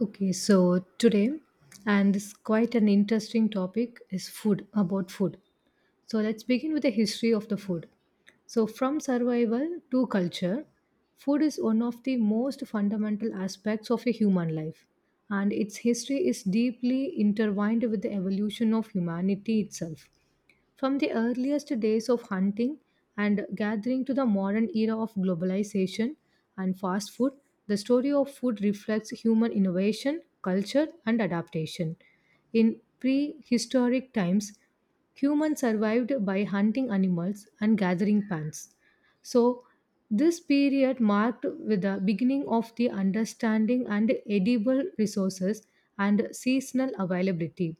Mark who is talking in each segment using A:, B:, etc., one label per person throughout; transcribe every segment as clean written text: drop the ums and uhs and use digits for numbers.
A: Okay, so today, and this is quite an interesting topic, is food, about food. So let's begin with the history of the food. So, from survival to culture, food is one of the most fundamental aspects of a human life, and its history is deeply intertwined with the evolution of humanity itself. From the earliest days of hunting and gathering to the modern era of globalization and fast food, the story of food reflects human innovation, culture, and adaptation. In prehistoric times, humans survived by hunting animals and gathering plants. So, this period marked with the beginning of the understanding and edible resources and seasonal availability.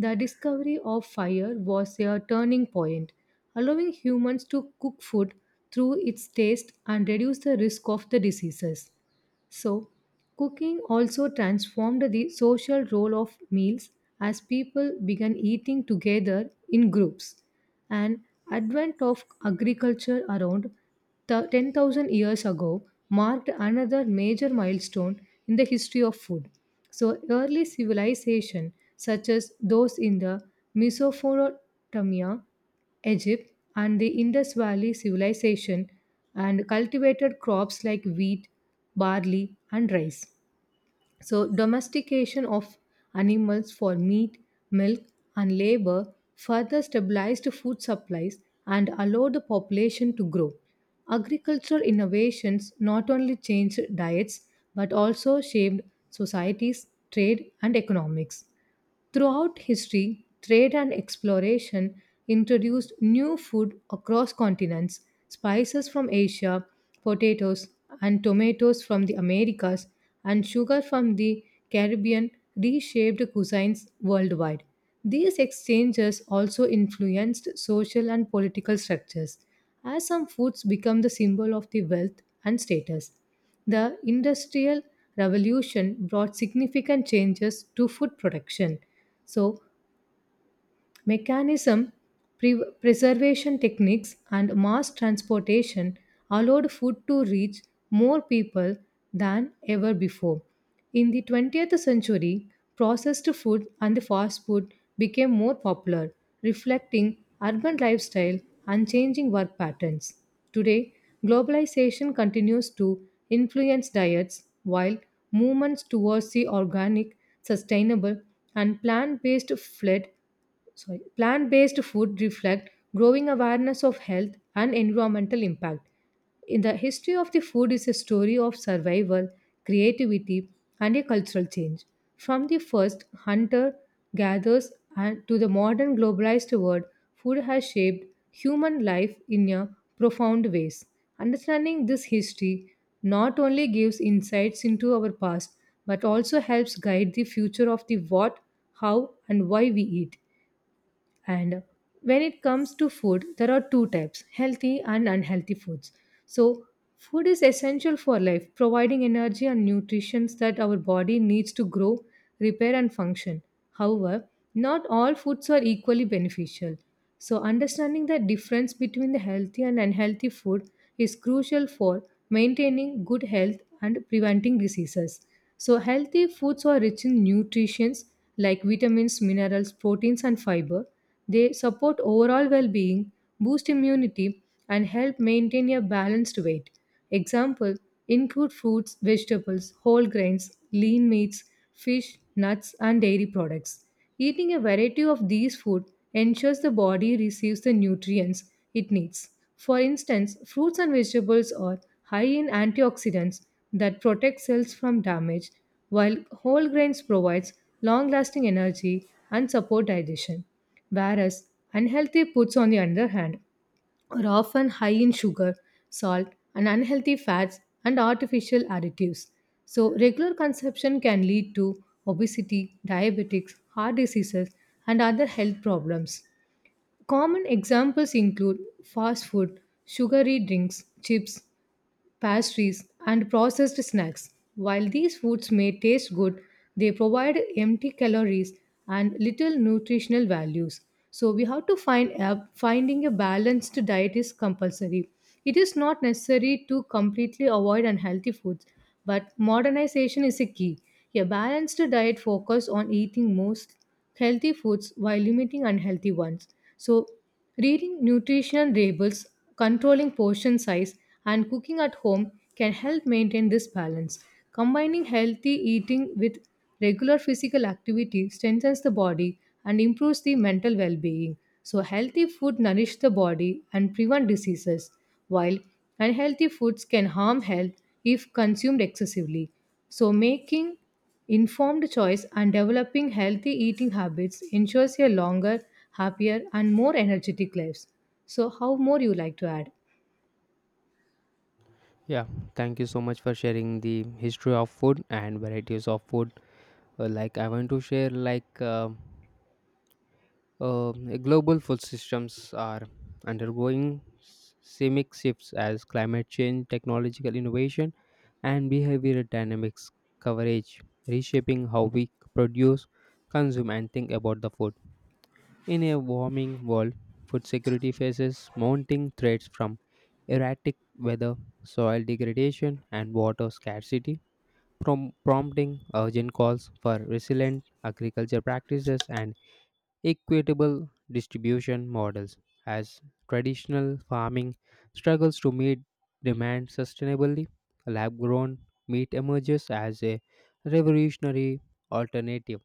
A: The discovery of fire was a turning point, allowing humans to cook food through its taste and reduce the risk of the diseases. So, cooking also transformed the social role of meals as people began eating together in groups. And advent of agriculture around 10,000 years ago marked another major milestone in the history of food. So, early civilization such as those in the Mesopotamia, Egypt, and the Indus Valley civilization and cultivated crops like wheat, barley, and rice. So, domestication of animals for meat, milk, and labor further stabilized food supplies and allowed the population to grow. Agricultural innovations not only changed diets but also shaped societies, trade, and economics. Throughout history, trade and exploration introduced new food across continents. Spices from Asia, potatoes and tomatoes from the Americas, and sugar from the Caribbean reshaped cuisines worldwide. These exchanges also influenced social and political structures, as some foods become the symbol of the wealth and status. The Industrial Revolution brought significant changes to food production. So, mechanism, preservation techniques, and mass transportation allowed food to reach more people than ever before. In the 20th century, processed food and fast food became more popular, reflecting urban lifestyle and changing work patterns. Today, globalization continues to influence diets while movements towards the organic, sustainable, and plant based fled, sorry, plant-based food reflect growing awareness of health and environmental impact. In the history of the food is a story of survival, creativity, and a cultural change. From the first hunter gatherers and to the modern globalized world, food has shaped human life in a profound ways. Understanding this history not only gives insights into our past but also helps guide the future of the what, how, and why we eat. And when it comes to food, there are two types, healthy and unhealthy foods. So, food is essential for life, providing energy and nutrition that our body needs to grow, repair, and function. However, not all foods are equally beneficial. So, understanding the difference between the healthy and unhealthy food is crucial for maintaining good health and preventing diseases. So, healthy foods are rich in nutrients like vitamins, minerals, proteins, and fiber. They support overall well being, boost immunity, and help maintain a balanced weight. Example include fruits, vegetables, whole grains, lean meats, fish, nuts, and dairy products. Eating a variety of these food ensures the body receives the nutrients it needs. For instance, fruits and vegetables are high in antioxidants that protect cells from damage, while whole grains provides long-lasting energy and support digestion. Whereas unhealthy foods on the other hand are often high in sugar, salt, and unhealthy fats and artificial additives. So, regular consumption can lead to obesity, diabetics, heart diseases, and other health problems. Common examples include fast food, sugary drinks, chips, pastries, and processed snacks. While these foods may taste good, they provide empty calories and little nutritional values. So we have to find a, finding a balanced diet is compulsory. It is not necessary to completely avoid unhealthy foods, but modernization is a key. A balanced diet focuses on eating most healthy foods while limiting unhealthy ones. So reading nutritional labels, controlling portion size, and cooking at home can help maintain this balance. Combining healthy eating with regular physical activity strengthens the body and improves the mental well being. So, healthy food nourish the body and prevent diseases, while unhealthy foods can harm health if consumed excessively. So, making informed choice and developing healthy eating habits ensures a longer, happier, and more energetic lives. So, how more you like to add?
B: Yeah, thank you so much for sharing the history of food and varieties of food. Like I want to share, like global food systems are undergoing seismic shifts as climate change, technological innovation, and behavioral dynamics coverage, reshaping how we produce, consume, and think about the food. In a warming world, food security faces mounting threats from erratic weather, soil degradation, and water scarcity prompting urgent calls for resilient agriculture practices and equitable distribution models as traditional farming struggles to meet demand sustainably, lab grown meat emerges as a revolutionary alternative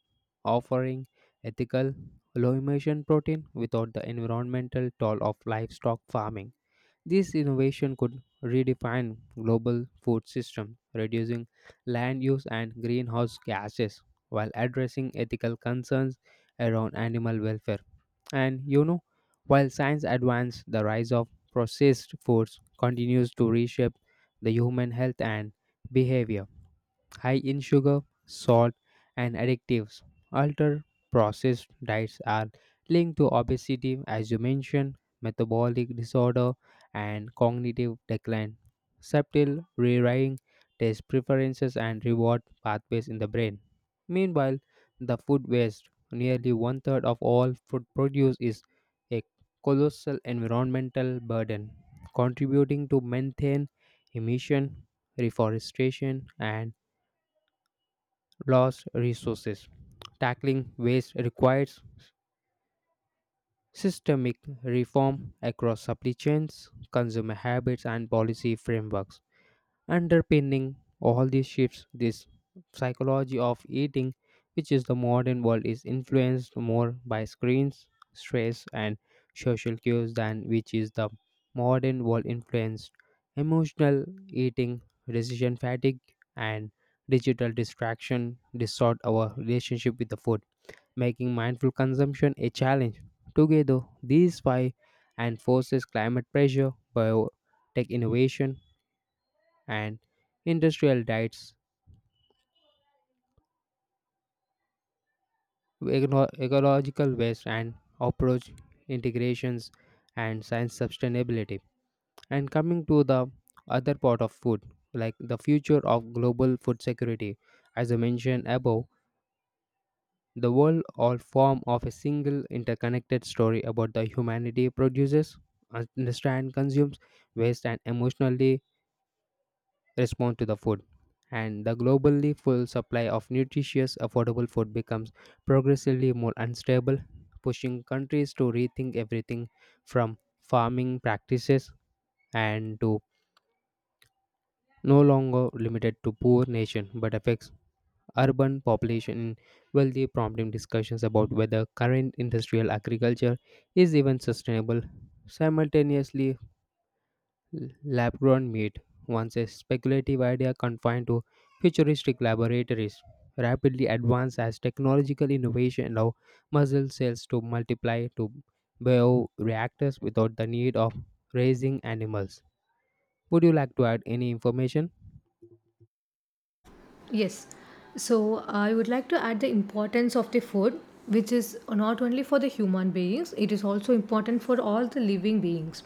B: offering ethical low emission protein without the environmental toll of livestock farming. This innovation could redefine global food system, reducing land use and greenhouse gases while addressing ethical concerns around animal welfare. And you know, while science advances, the rise of processed foods continues to reshape the human health and behavior, high in sugar, salt, and additives. Ultra processed diets are linked to obesity, as you mentioned, metabolic disorder, and cognitive decline. Subtle rewiring taste preferences and reward pathways in the brain. Meanwhile, the food waste, nearly one third of all food produce, is a colossal environmental burden, contributing to methane emission, reforestation, and lost resources. Tackling waste requires systemic reform across supply chains, consumer habits, and policy frameworks. Underpinning all these shifts, this psychology of eating, which is the modern world, is influenced more by screens, stress, and social cues than which is the modern world influenced emotional eating, decision fatigue, and digital distraction distort our relationship with the food, making mindful consumption a challenge. Together, these five and forces climate pressure, biotech innovation, and industrial diets, ecological waste, and approach integrations and science sustainability. And coming to the other part of food, like the future of global food security, as I mentioned above, the world all form of a single interconnected story about the humanity produces, understand, consumes, waste, and emotionally respond to the food. And the globally full supply of nutritious, affordable food becomes progressively more unstable, pushing countries to rethink everything from farming practices and to no longer limited to poor nation but affects urban population in wealthy prompting discussions about whether current industrial agriculture is even sustainable. Simultaneously, lab grown meat, once a speculative idea confined to futuristic laboratories, rapidly advanced as technological innovation allow muscle cells to multiply to bioreactors without the need of raising animals. Would you like to add any information?
A: Yes. So I would like to add the importance of the food, which is not only for the human beings, it is also important for all the living beings.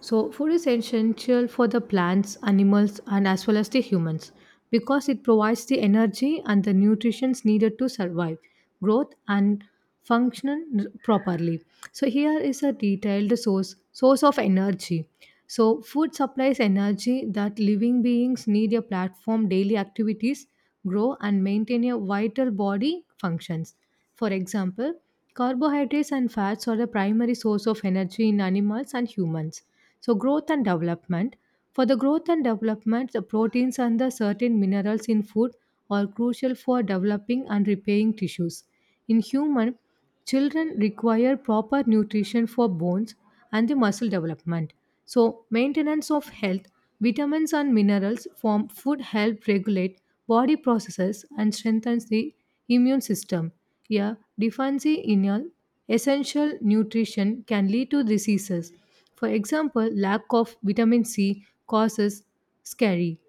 A: So food is essential for the plants, animals, and as well as the humans because it provides the energy and the nutrients needed to survive, growth, and function properly. So here is a detailed source of energy. So food supplies energy that living beings need a platform daily activities grow and maintain a vital body functions. For example, carbohydrates and fats are the primary source of energy in animals and humans. So, growth and development. For the growth and development, the proteins and the certain minerals in food are crucial for developing and repairing tissues. In human, children require proper nutrition for bones and the muscle development. So, maintenance of health, vitamins and minerals from food help regulate body processes and strengthens the immune system. A deficiency in a essential nutrition can lead to diseases. For example, lack of vitamin C causes scurry,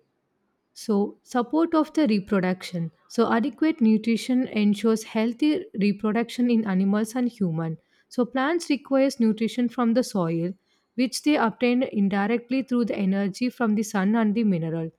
A: so, support of the reproduction. So, adequate nutrition ensures healthy reproduction in animals and human. So, plants requires nutrition from the soil, which they obtain indirectly through the energy from the sun and the mineral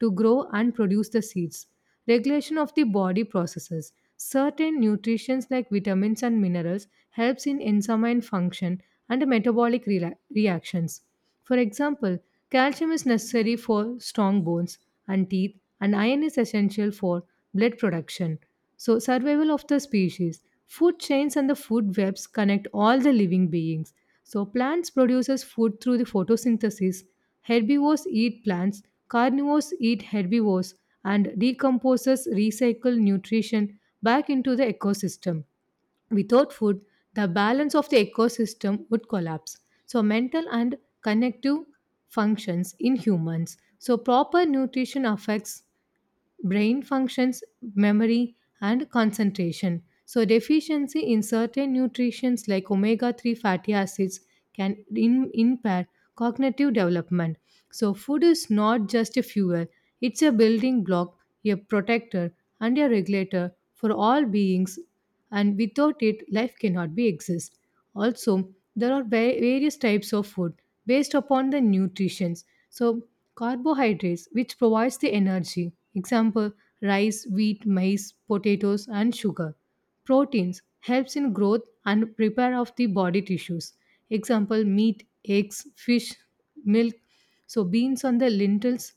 A: to grow and produce the seeds. Regulation of the body processes. Certain nutrients like vitamins and minerals helps in enzyme function and metabolic reactions. For example, calcium is necessary for strong bones and teeth, and iron is essential for blood production. So, survival of the species. Food chains and the food webs connect all the living beings. So, plants produces food through the photosynthesis. Herbivores eat plants, carnivores eat herbivores, and decomposers recycle nutrition back into the ecosystem. Without food, the balance of the ecosystem would collapse. So, mental and connective functions in humans. So, proper nutrition affects brain functions, memory, and concentration. So, deficiency in certain nutrients like omega 3 fatty acids can impair cognitive development. So, food is not just a fuel, it's a building block, a protector, and a regulator for all beings and without it life cannot be exist. Also there are various types of food based upon the nutritions. So carbohydrates, which provides the energy, example rice, wheat, maize, potatoes, and sugar. Proteins helps in growth and repair of the body tissues, example meat, eggs, fish, milk. So beans on the lentils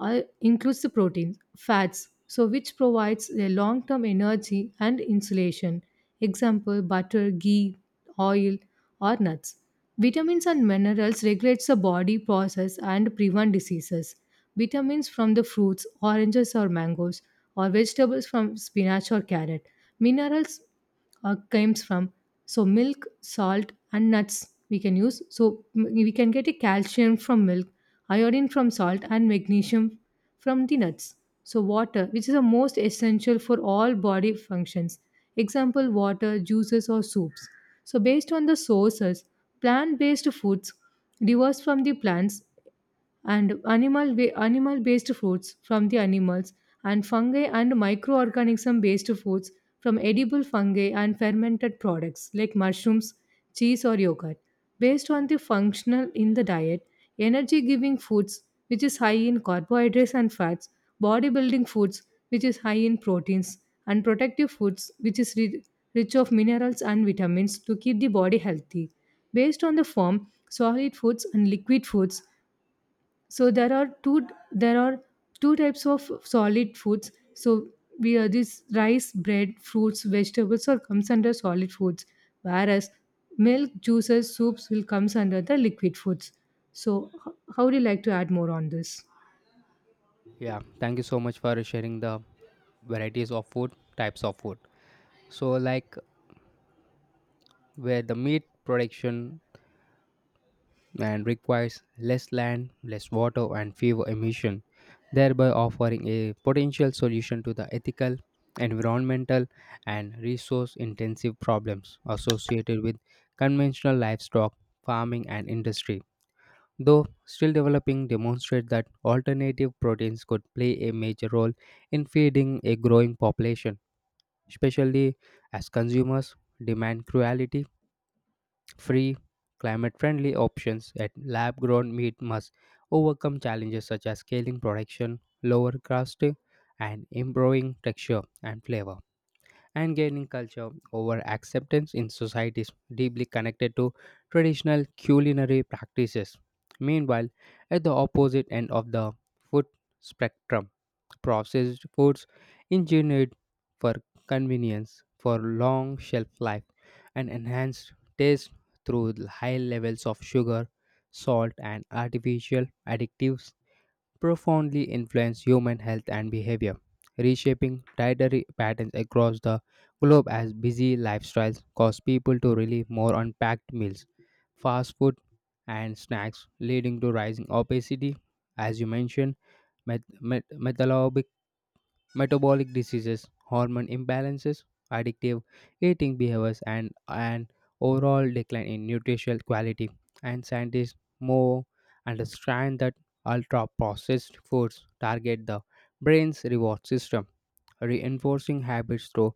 A: includes the proteins, fats, so which provides a long-term energy and insulation. Example: butter, ghee, oil, or nuts. Vitamins and minerals regulates the body process and prevent diseases. Vitamins from the fruits, oranges or mangoes, or vegetables from spinach or carrot. Minerals comes from. So milk, salt, and nuts we can use. So we can get a calcium from milk, iodine from salt, and magnesium from the nuts. So water, which is the most essential for all body functions. Example: water, juices, or soups. So based on the sources, plant-based foods diverse from the plants and animal based foods from the animals, and fungi and microorganism based foods from edible fungi and fermented products like mushrooms, cheese or yogurt. Based on the functional in the diet, energy giving foods, which is high in carbohydrates and fats, bodybuilding foods, which is high in proteins, and protective foods, which is rich of minerals and vitamins to keep the body healthy. Based on the form, solid foods and liquid foods. So there are two types of solid foods. So we are this rice, bread, fruits, vegetables or comes under solid foods, whereas milk, juices, soups will comes under the liquid foods. So how do you like to add more on this?
B: Yeah, thank you so much for sharing the varieties of food, types of food. So, like where the meat production and requires less land, less water, and fewer emissions, thereby offering a potential solution to the ethical, environmental, and resource intensive problems associated with conventional livestock farming and industry. Though still developing, demonstrate that alternative proteins could play a major role in feeding a growing population, especially as consumers demand cruelty free, climate friendly options at lab grown meat must overcome challenges such as scaling production, lower cost, and improving texture and flavor and gaining culture over acceptance in societies deeply connected to traditional culinary practices. Meanwhile, at the opposite end of the food spectrum, processed foods engineered for convenience, for long shelf life, and enhanced taste through high levels of sugar, salt, and artificial additives profoundly influence human health and behavior, reshaping dietary patterns across the globe as busy lifestyles cause people to rely more on packed meals, fast food, and snacks, leading to rising obesity, as you mentioned, met- met- metabolic metabolic diseases, hormone imbalances, addictive eating behaviors, and an overall decline in nutritional quality. And scientists more understand that ultra processed foods target the brain's reward system, reinforcing habits through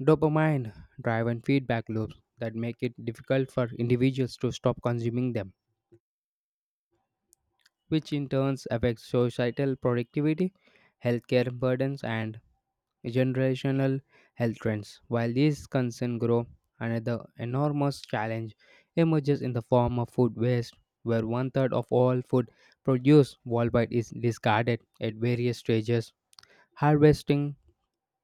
B: dopamine driven feedback loops that make it difficult for individuals to stop consuming them, which in turn affects societal productivity, healthcare burdens, and generational health trends. While these concerns grow, another enormous challenge emerges in the form of food waste, where one third of all food produced worldwide is discarded at various stages harvesting,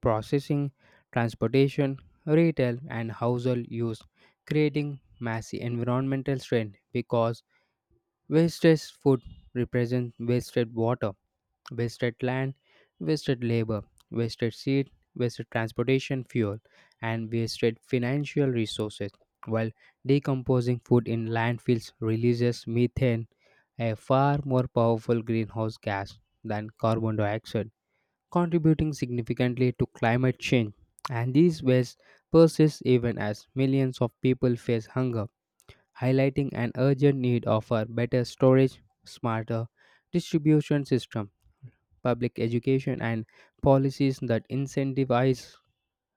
B: processing, transportation, retail, and household use, creating massive environmental strain because wasted food represents wasted water, wasted land, wasted labor, wasted seed, wasted transportation fuel, and wasted financial resources. While decomposing food in landfills releases methane, a far more powerful greenhouse gas than carbon dioxide, contributing significantly to climate change. And these wastes persist even as millions of people face hunger, highlighting an urgent need of a better storage, smarter distribution system, public education, and policies that incentivize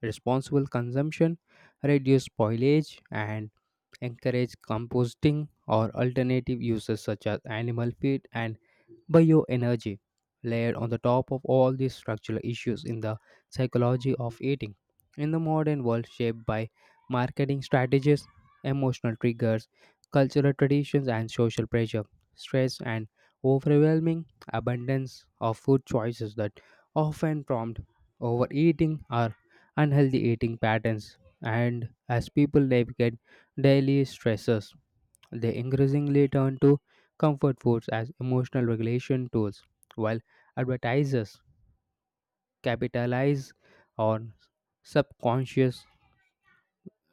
B: responsible consumption, reduce spoilage, and encourage composting or alternative uses such as animal feed and bioenergy. Layered on the top of all these structural issues in the psychology of eating. In the modern world, shaped by marketing strategies, emotional triggers, cultural traditions, and social pressure, stress, and overwhelming abundance of food choices that often prompt overeating are unhealthy eating patterns, and as people navigate daily stresses, they increasingly turn to comfort foods as emotional regulation tools, while advertisers capitalize on subconscious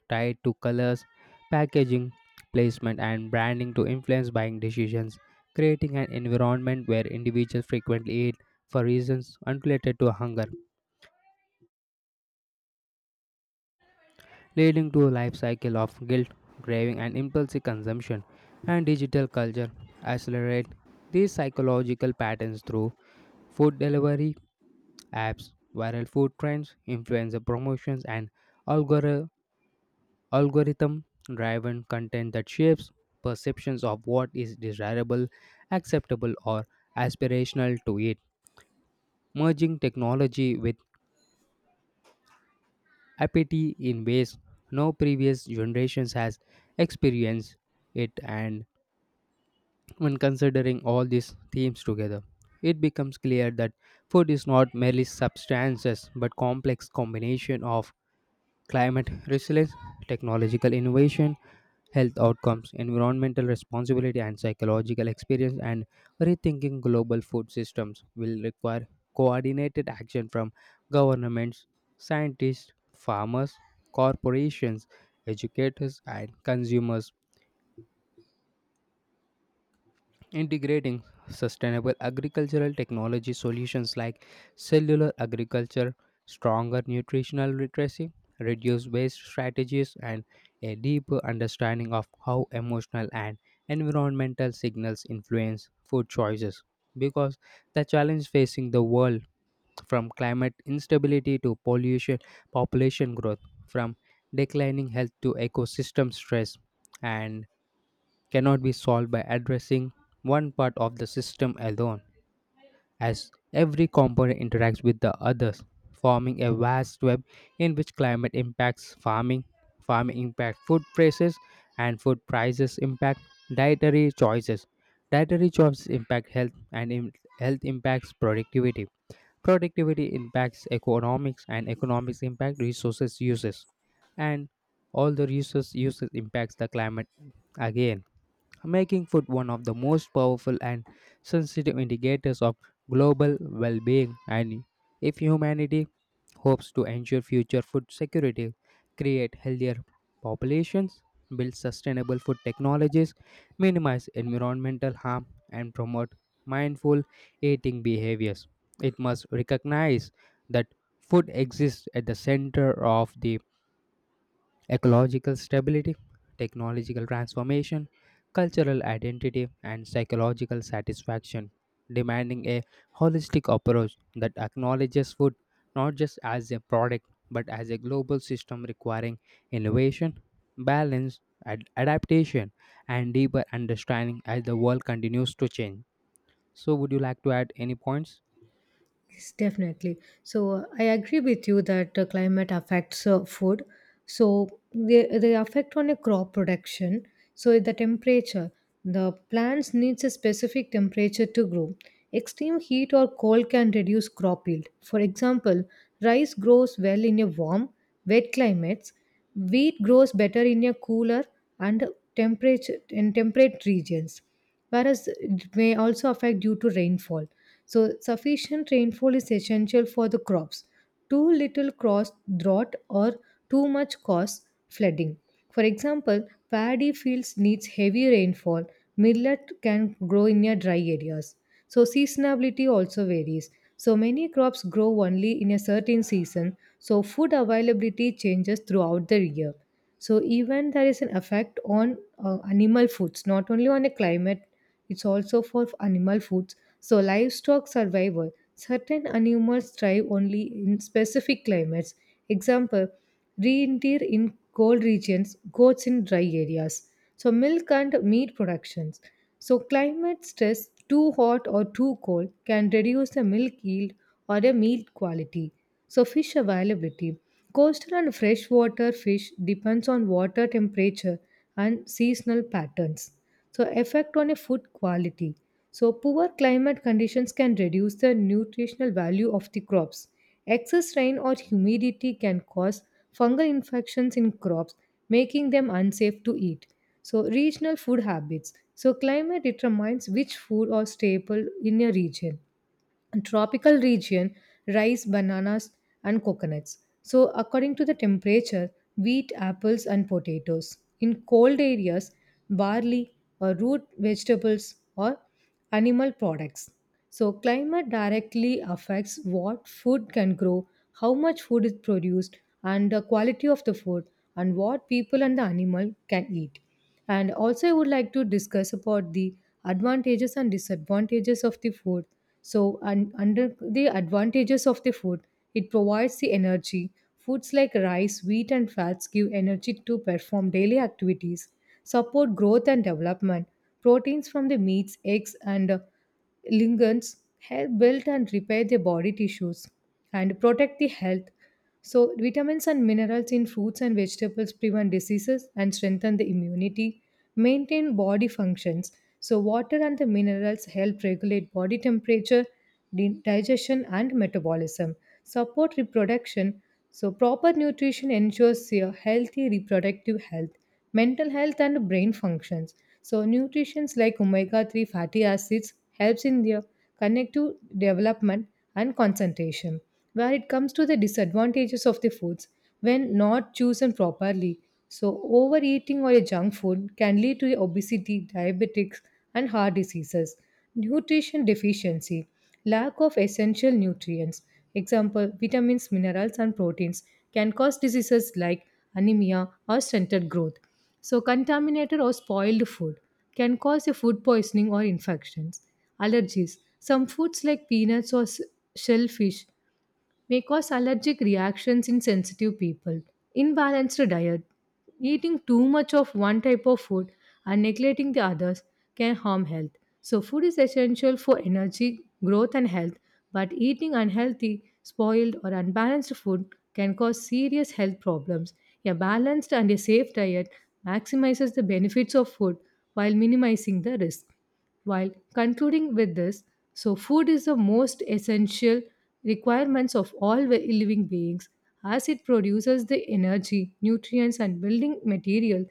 B: tied to colors, packaging, placement, and branding to influence buying decisions, creating an environment where individuals frequently eat for reasons unrelated to hunger, leading to a life cycle of guilt, craving, and impulsive consumption. And digital culture accelerate these psychological patterns through food delivery apps, viral food trends, influencer promotions, and algor- algorithm driven content that shapes perceptions of what is desirable, acceptable, or aspirational to eat. Merging technology with apathy in ways no previous generations has experienced it. And when considering all these themes together, it becomes clear that food is not merely substances but complex combination of climate resilience, technological innovation, health outcomes, environmental responsibility and psychological experience and rethinking global food systems will require coordinated action from governments, scientists, farmers, corporations, educators and consumers integrating sustainable agricultural technology solutions like cellular agriculture, stronger nutritional literacy, reduced waste strategies, and a deeper understanding of how emotional and environmental signals influence food choices. Because the challenge facing the world, from climate instability to pollution, population growth, from declining health to ecosystem stress, and cannot be solved by addressing one part of the system alone, as every component interacts with the others, forming a vast web in which climate impacts farming, farming impact food prices, and food prices impact dietary choices. Dietary choices impact health, and health impacts productivity. Productivity impacts economics, and economics impact resources uses, and all the resource uses impacts the climate again, making food one of the most powerful and sensitive indicators of global well-being and if humanity hopes to ensure future food security, create healthier populations, build sustainable food technologies, minimize environmental harm and promote mindful eating behaviors, it must recognize that food exists at the center of the ecological stability, technological transformation, cultural identity, and psychological satisfaction, demanding a holistic approach that acknowledges food not just as a product but as a global system requiring innovation, balance, adaptation, and deeper understanding as the world continues to change. So, would you like to add any points?
A: Yes, definitely. So I agree with you that climate affects food. So they affect on a crop production. So the temperature, the plants needs a specific temperature to grow. Extreme heat or cold can reduce crop yield. For example, rice grows well in a warm, wet climates. Wheat grows better in a cooler and temperature and temperate regions, whereas it may also affect due to rainfall. So, sufficient rainfall is essential for the crops. Too little cross drought or too much cause flooding. For example, paddy fields needs heavy rainfall. Millet can grow in a dry areas. So seasonality also varies. So many crops grow only in a certain season. So food availability changes throughout the year. So even there is an effect on animal foods, not only on the climate, it's also for animal foods. So livestock survival, certain animals thrive only in specific climates, example reindeer in cold regions, goats in dry areas. So, milk and meat productions. So, climate stress, too hot or too cold, can reduce the milk yield or the meat quality. So, fish availability. Coastal and freshwater fish depends on water temperature and seasonal patterns. So, effect on a food quality. So, poor climate conditions can reduce the nutritional value of the crops. Excess rain or humidity can cause fungal infections in crops, making them unsafe to eat. So, regional food habits. So, climate determines which food or staple in a region. In tropical region, rice, bananas, and coconuts, so according to the temperature, wheat, apples, and potatoes in cold areas, barley or root vegetables or animal products. So climate directly affects what food can grow, how much food is produced and the quality of the food, and what people and the animal can eat. And also, I would like to discuss about the advantages and disadvantages of the food. So, under the advantages of the food, it provides the energy. Foods like rice, wheat, and fats give energy to perform daily activities, support growth and development. Proteins from the meats, eggs, and lignans help build and repair their body tissues and protect the health. So, vitamins and minerals in fruits and vegetables prevent diseases and strengthen the immunity, maintain body functions. So, water and the minerals help regulate body temperature, digestion, and metabolism, support reproduction. So, proper nutrition ensures your healthy reproductive health, mental health, and brain functions. So nutrients like omega-3 fatty acids helps in their connective development and concentration. Where it comes to the disadvantages of the foods when not chosen properly. So overeating or a junk food can lead to obesity, diabetics, and heart diseases. Nutrition deficiency. Lack of essential nutrients, example vitamins, minerals, and proteins, can cause diseases like anemia or stunted growth. So, contaminated or spoiled food can cause a food poisoning or infections. Allergies. Some foods like peanuts or shellfish may cause allergic reactions in sensitive people. Imbalanced diet. Eating too much of one type of food and neglecting the others can harm health. So, food is essential for energy, growth, and health, but eating unhealthy, spoiled, or unbalanced food can cause serious health problems. A balanced and a safe diet maximizes the benefits of food while minimizing the risk. While concluding with this, so food is the most essential requirements of all living beings, as it produces the energy, nutrients, and building material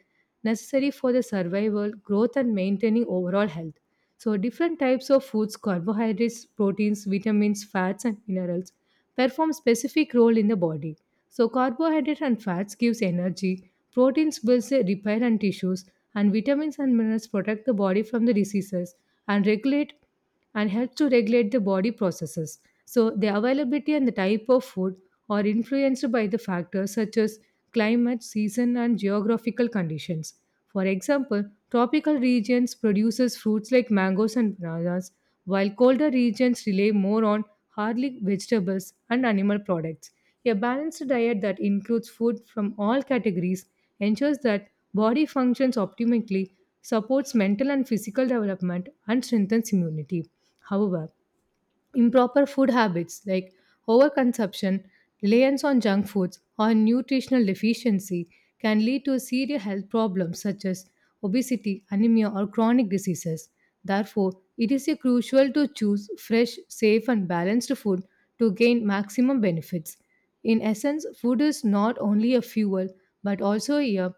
A: necessary for the survival, growth, and maintaining overall health. So different types of foods, carbohydrates, proteins, vitamins, fats, and minerals perform specific role in the body. So carbohydrates and fats gives energy, proteins builds the repair and tissues, and vitamins and minerals protect the body from the diseases and regulate, and help to regulate the body processes. So the availability and the type of food are influenced by the factors such as climate, season, and geographical conditions. For example, tropical regions produces fruits like mangoes and bananas, while colder regions rely more on hardy vegetables and animal products. A balanced diet that includes food from all categories ensures that body functions optimally, supports mental and physical development, and strengthens immunity. However, improper food habits like overconsumption, reliance on junk foods, or nutritional deficiency can lead to serious health problems such as obesity, anemia, or chronic diseases. Therefore, it is crucial to choose fresh, safe, and balanced food to gain maximum benefits. In essence, food is not only a fuel but also a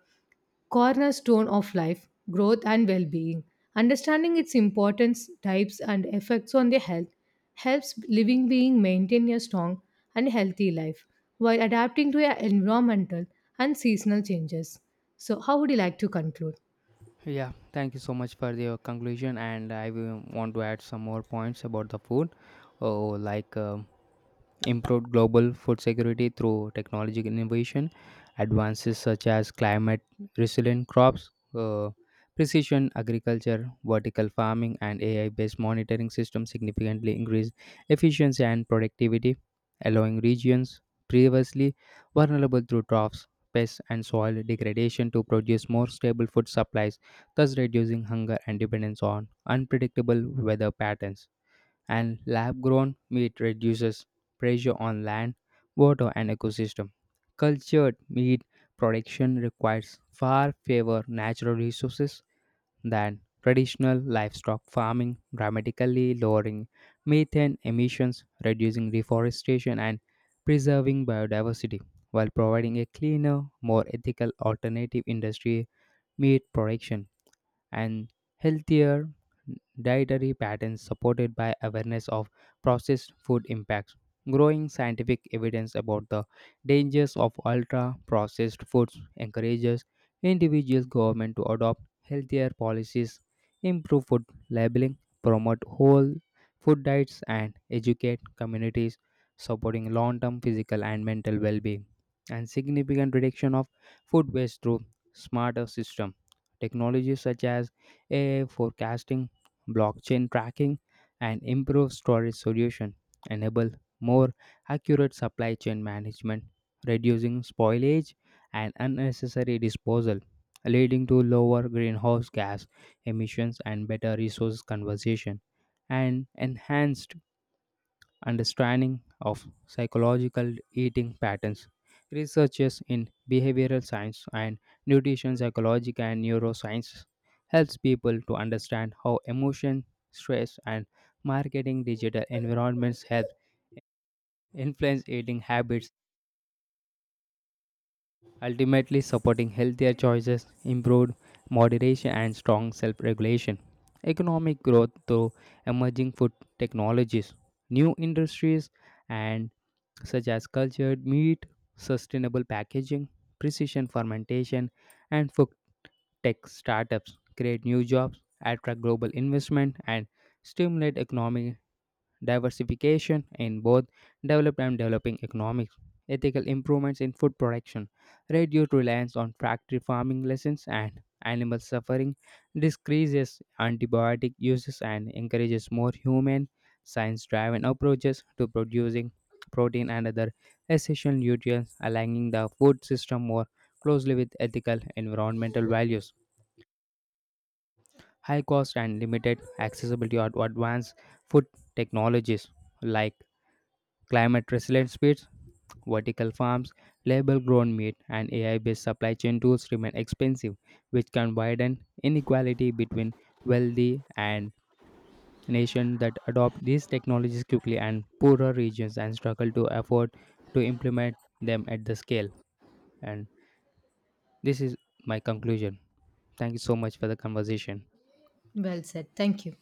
A: cornerstone of life, growth, and well being. Understanding its importance, types, and effects on the health helps living being maintain a strong and healthy life while adapting to your environmental and seasonal changes. So, how would you like to conclude?
B: Yeah, thank you so much for your conclusion, and I will want to add some more points about the food. Oh, like improved global food security through technological innovation, advances such as climate resilient crops, uh, precision agriculture, vertical farming, and AI based monitoring systems significantly increase efficiency and productivity, allowing regions previously vulnerable through droughts. Pests and soil degradation to produce more stable food supplies, thus reducing hunger and dependence on unpredictable weather patterns and lab grown meat reduces pressure on land, water, and ecosystem. Cultured meat production requires far fewer natural resources than traditional livestock farming, dramatically lowering methane emissions, reducing deforestation, and preserving biodiversity while providing a cleaner, more ethical alternative industry meat production and healthier dietary patterns supported by awareness of processed food impacts. Growing scientific evidence about the dangers of ultra processed foods encourages individuals government to adopt healthier policies, improve food labeling, promote whole food diets and educate communities supporting long-term physical and mental well-being and significant reduction of food waste through smarter system technologies such as AI forecasting, blockchain tracking, and improved storage solution enable more accurate supply chain management, reducing spoilage and unnecessary disposal, leading to lower greenhouse gas emissions and better resource conservation and enhanced understanding of psychological eating patterns. Researchers in behavioral science and nutrition psychology and neuroscience helps people to understand how emotion, stress, and marketing digital environments help influence eating habits, ultimately supporting healthier choices, improved moderation, and strong self regulation. Economic growth through emerging food technologies, new industries, and such as cultured meat, sustainable packaging, precision fermentation, and food tech startups create new jobs, attract global investment, and stimulate economic diversification in both developed and developing economics, ethical improvements in food production, reduced reliance on factory farming lessons and animal suffering, decreases antibiotic uses and encourages more human science-driven approaches to producing protein and other essential nutrients, aligning the food system more closely with ethical environmental values. High cost and limited accessibility of advanced food technologies like climate resilient speeds, vertical farms, label grown meat, and AI based supply chain tools remain expensive, which can widen inequality between wealthy and nations that adopt these technologies quickly and poorer regions and struggle to afford to implement them at the scale. And this is my conclusion. Thank you so much for the conversation.
A: Well said. Thank you.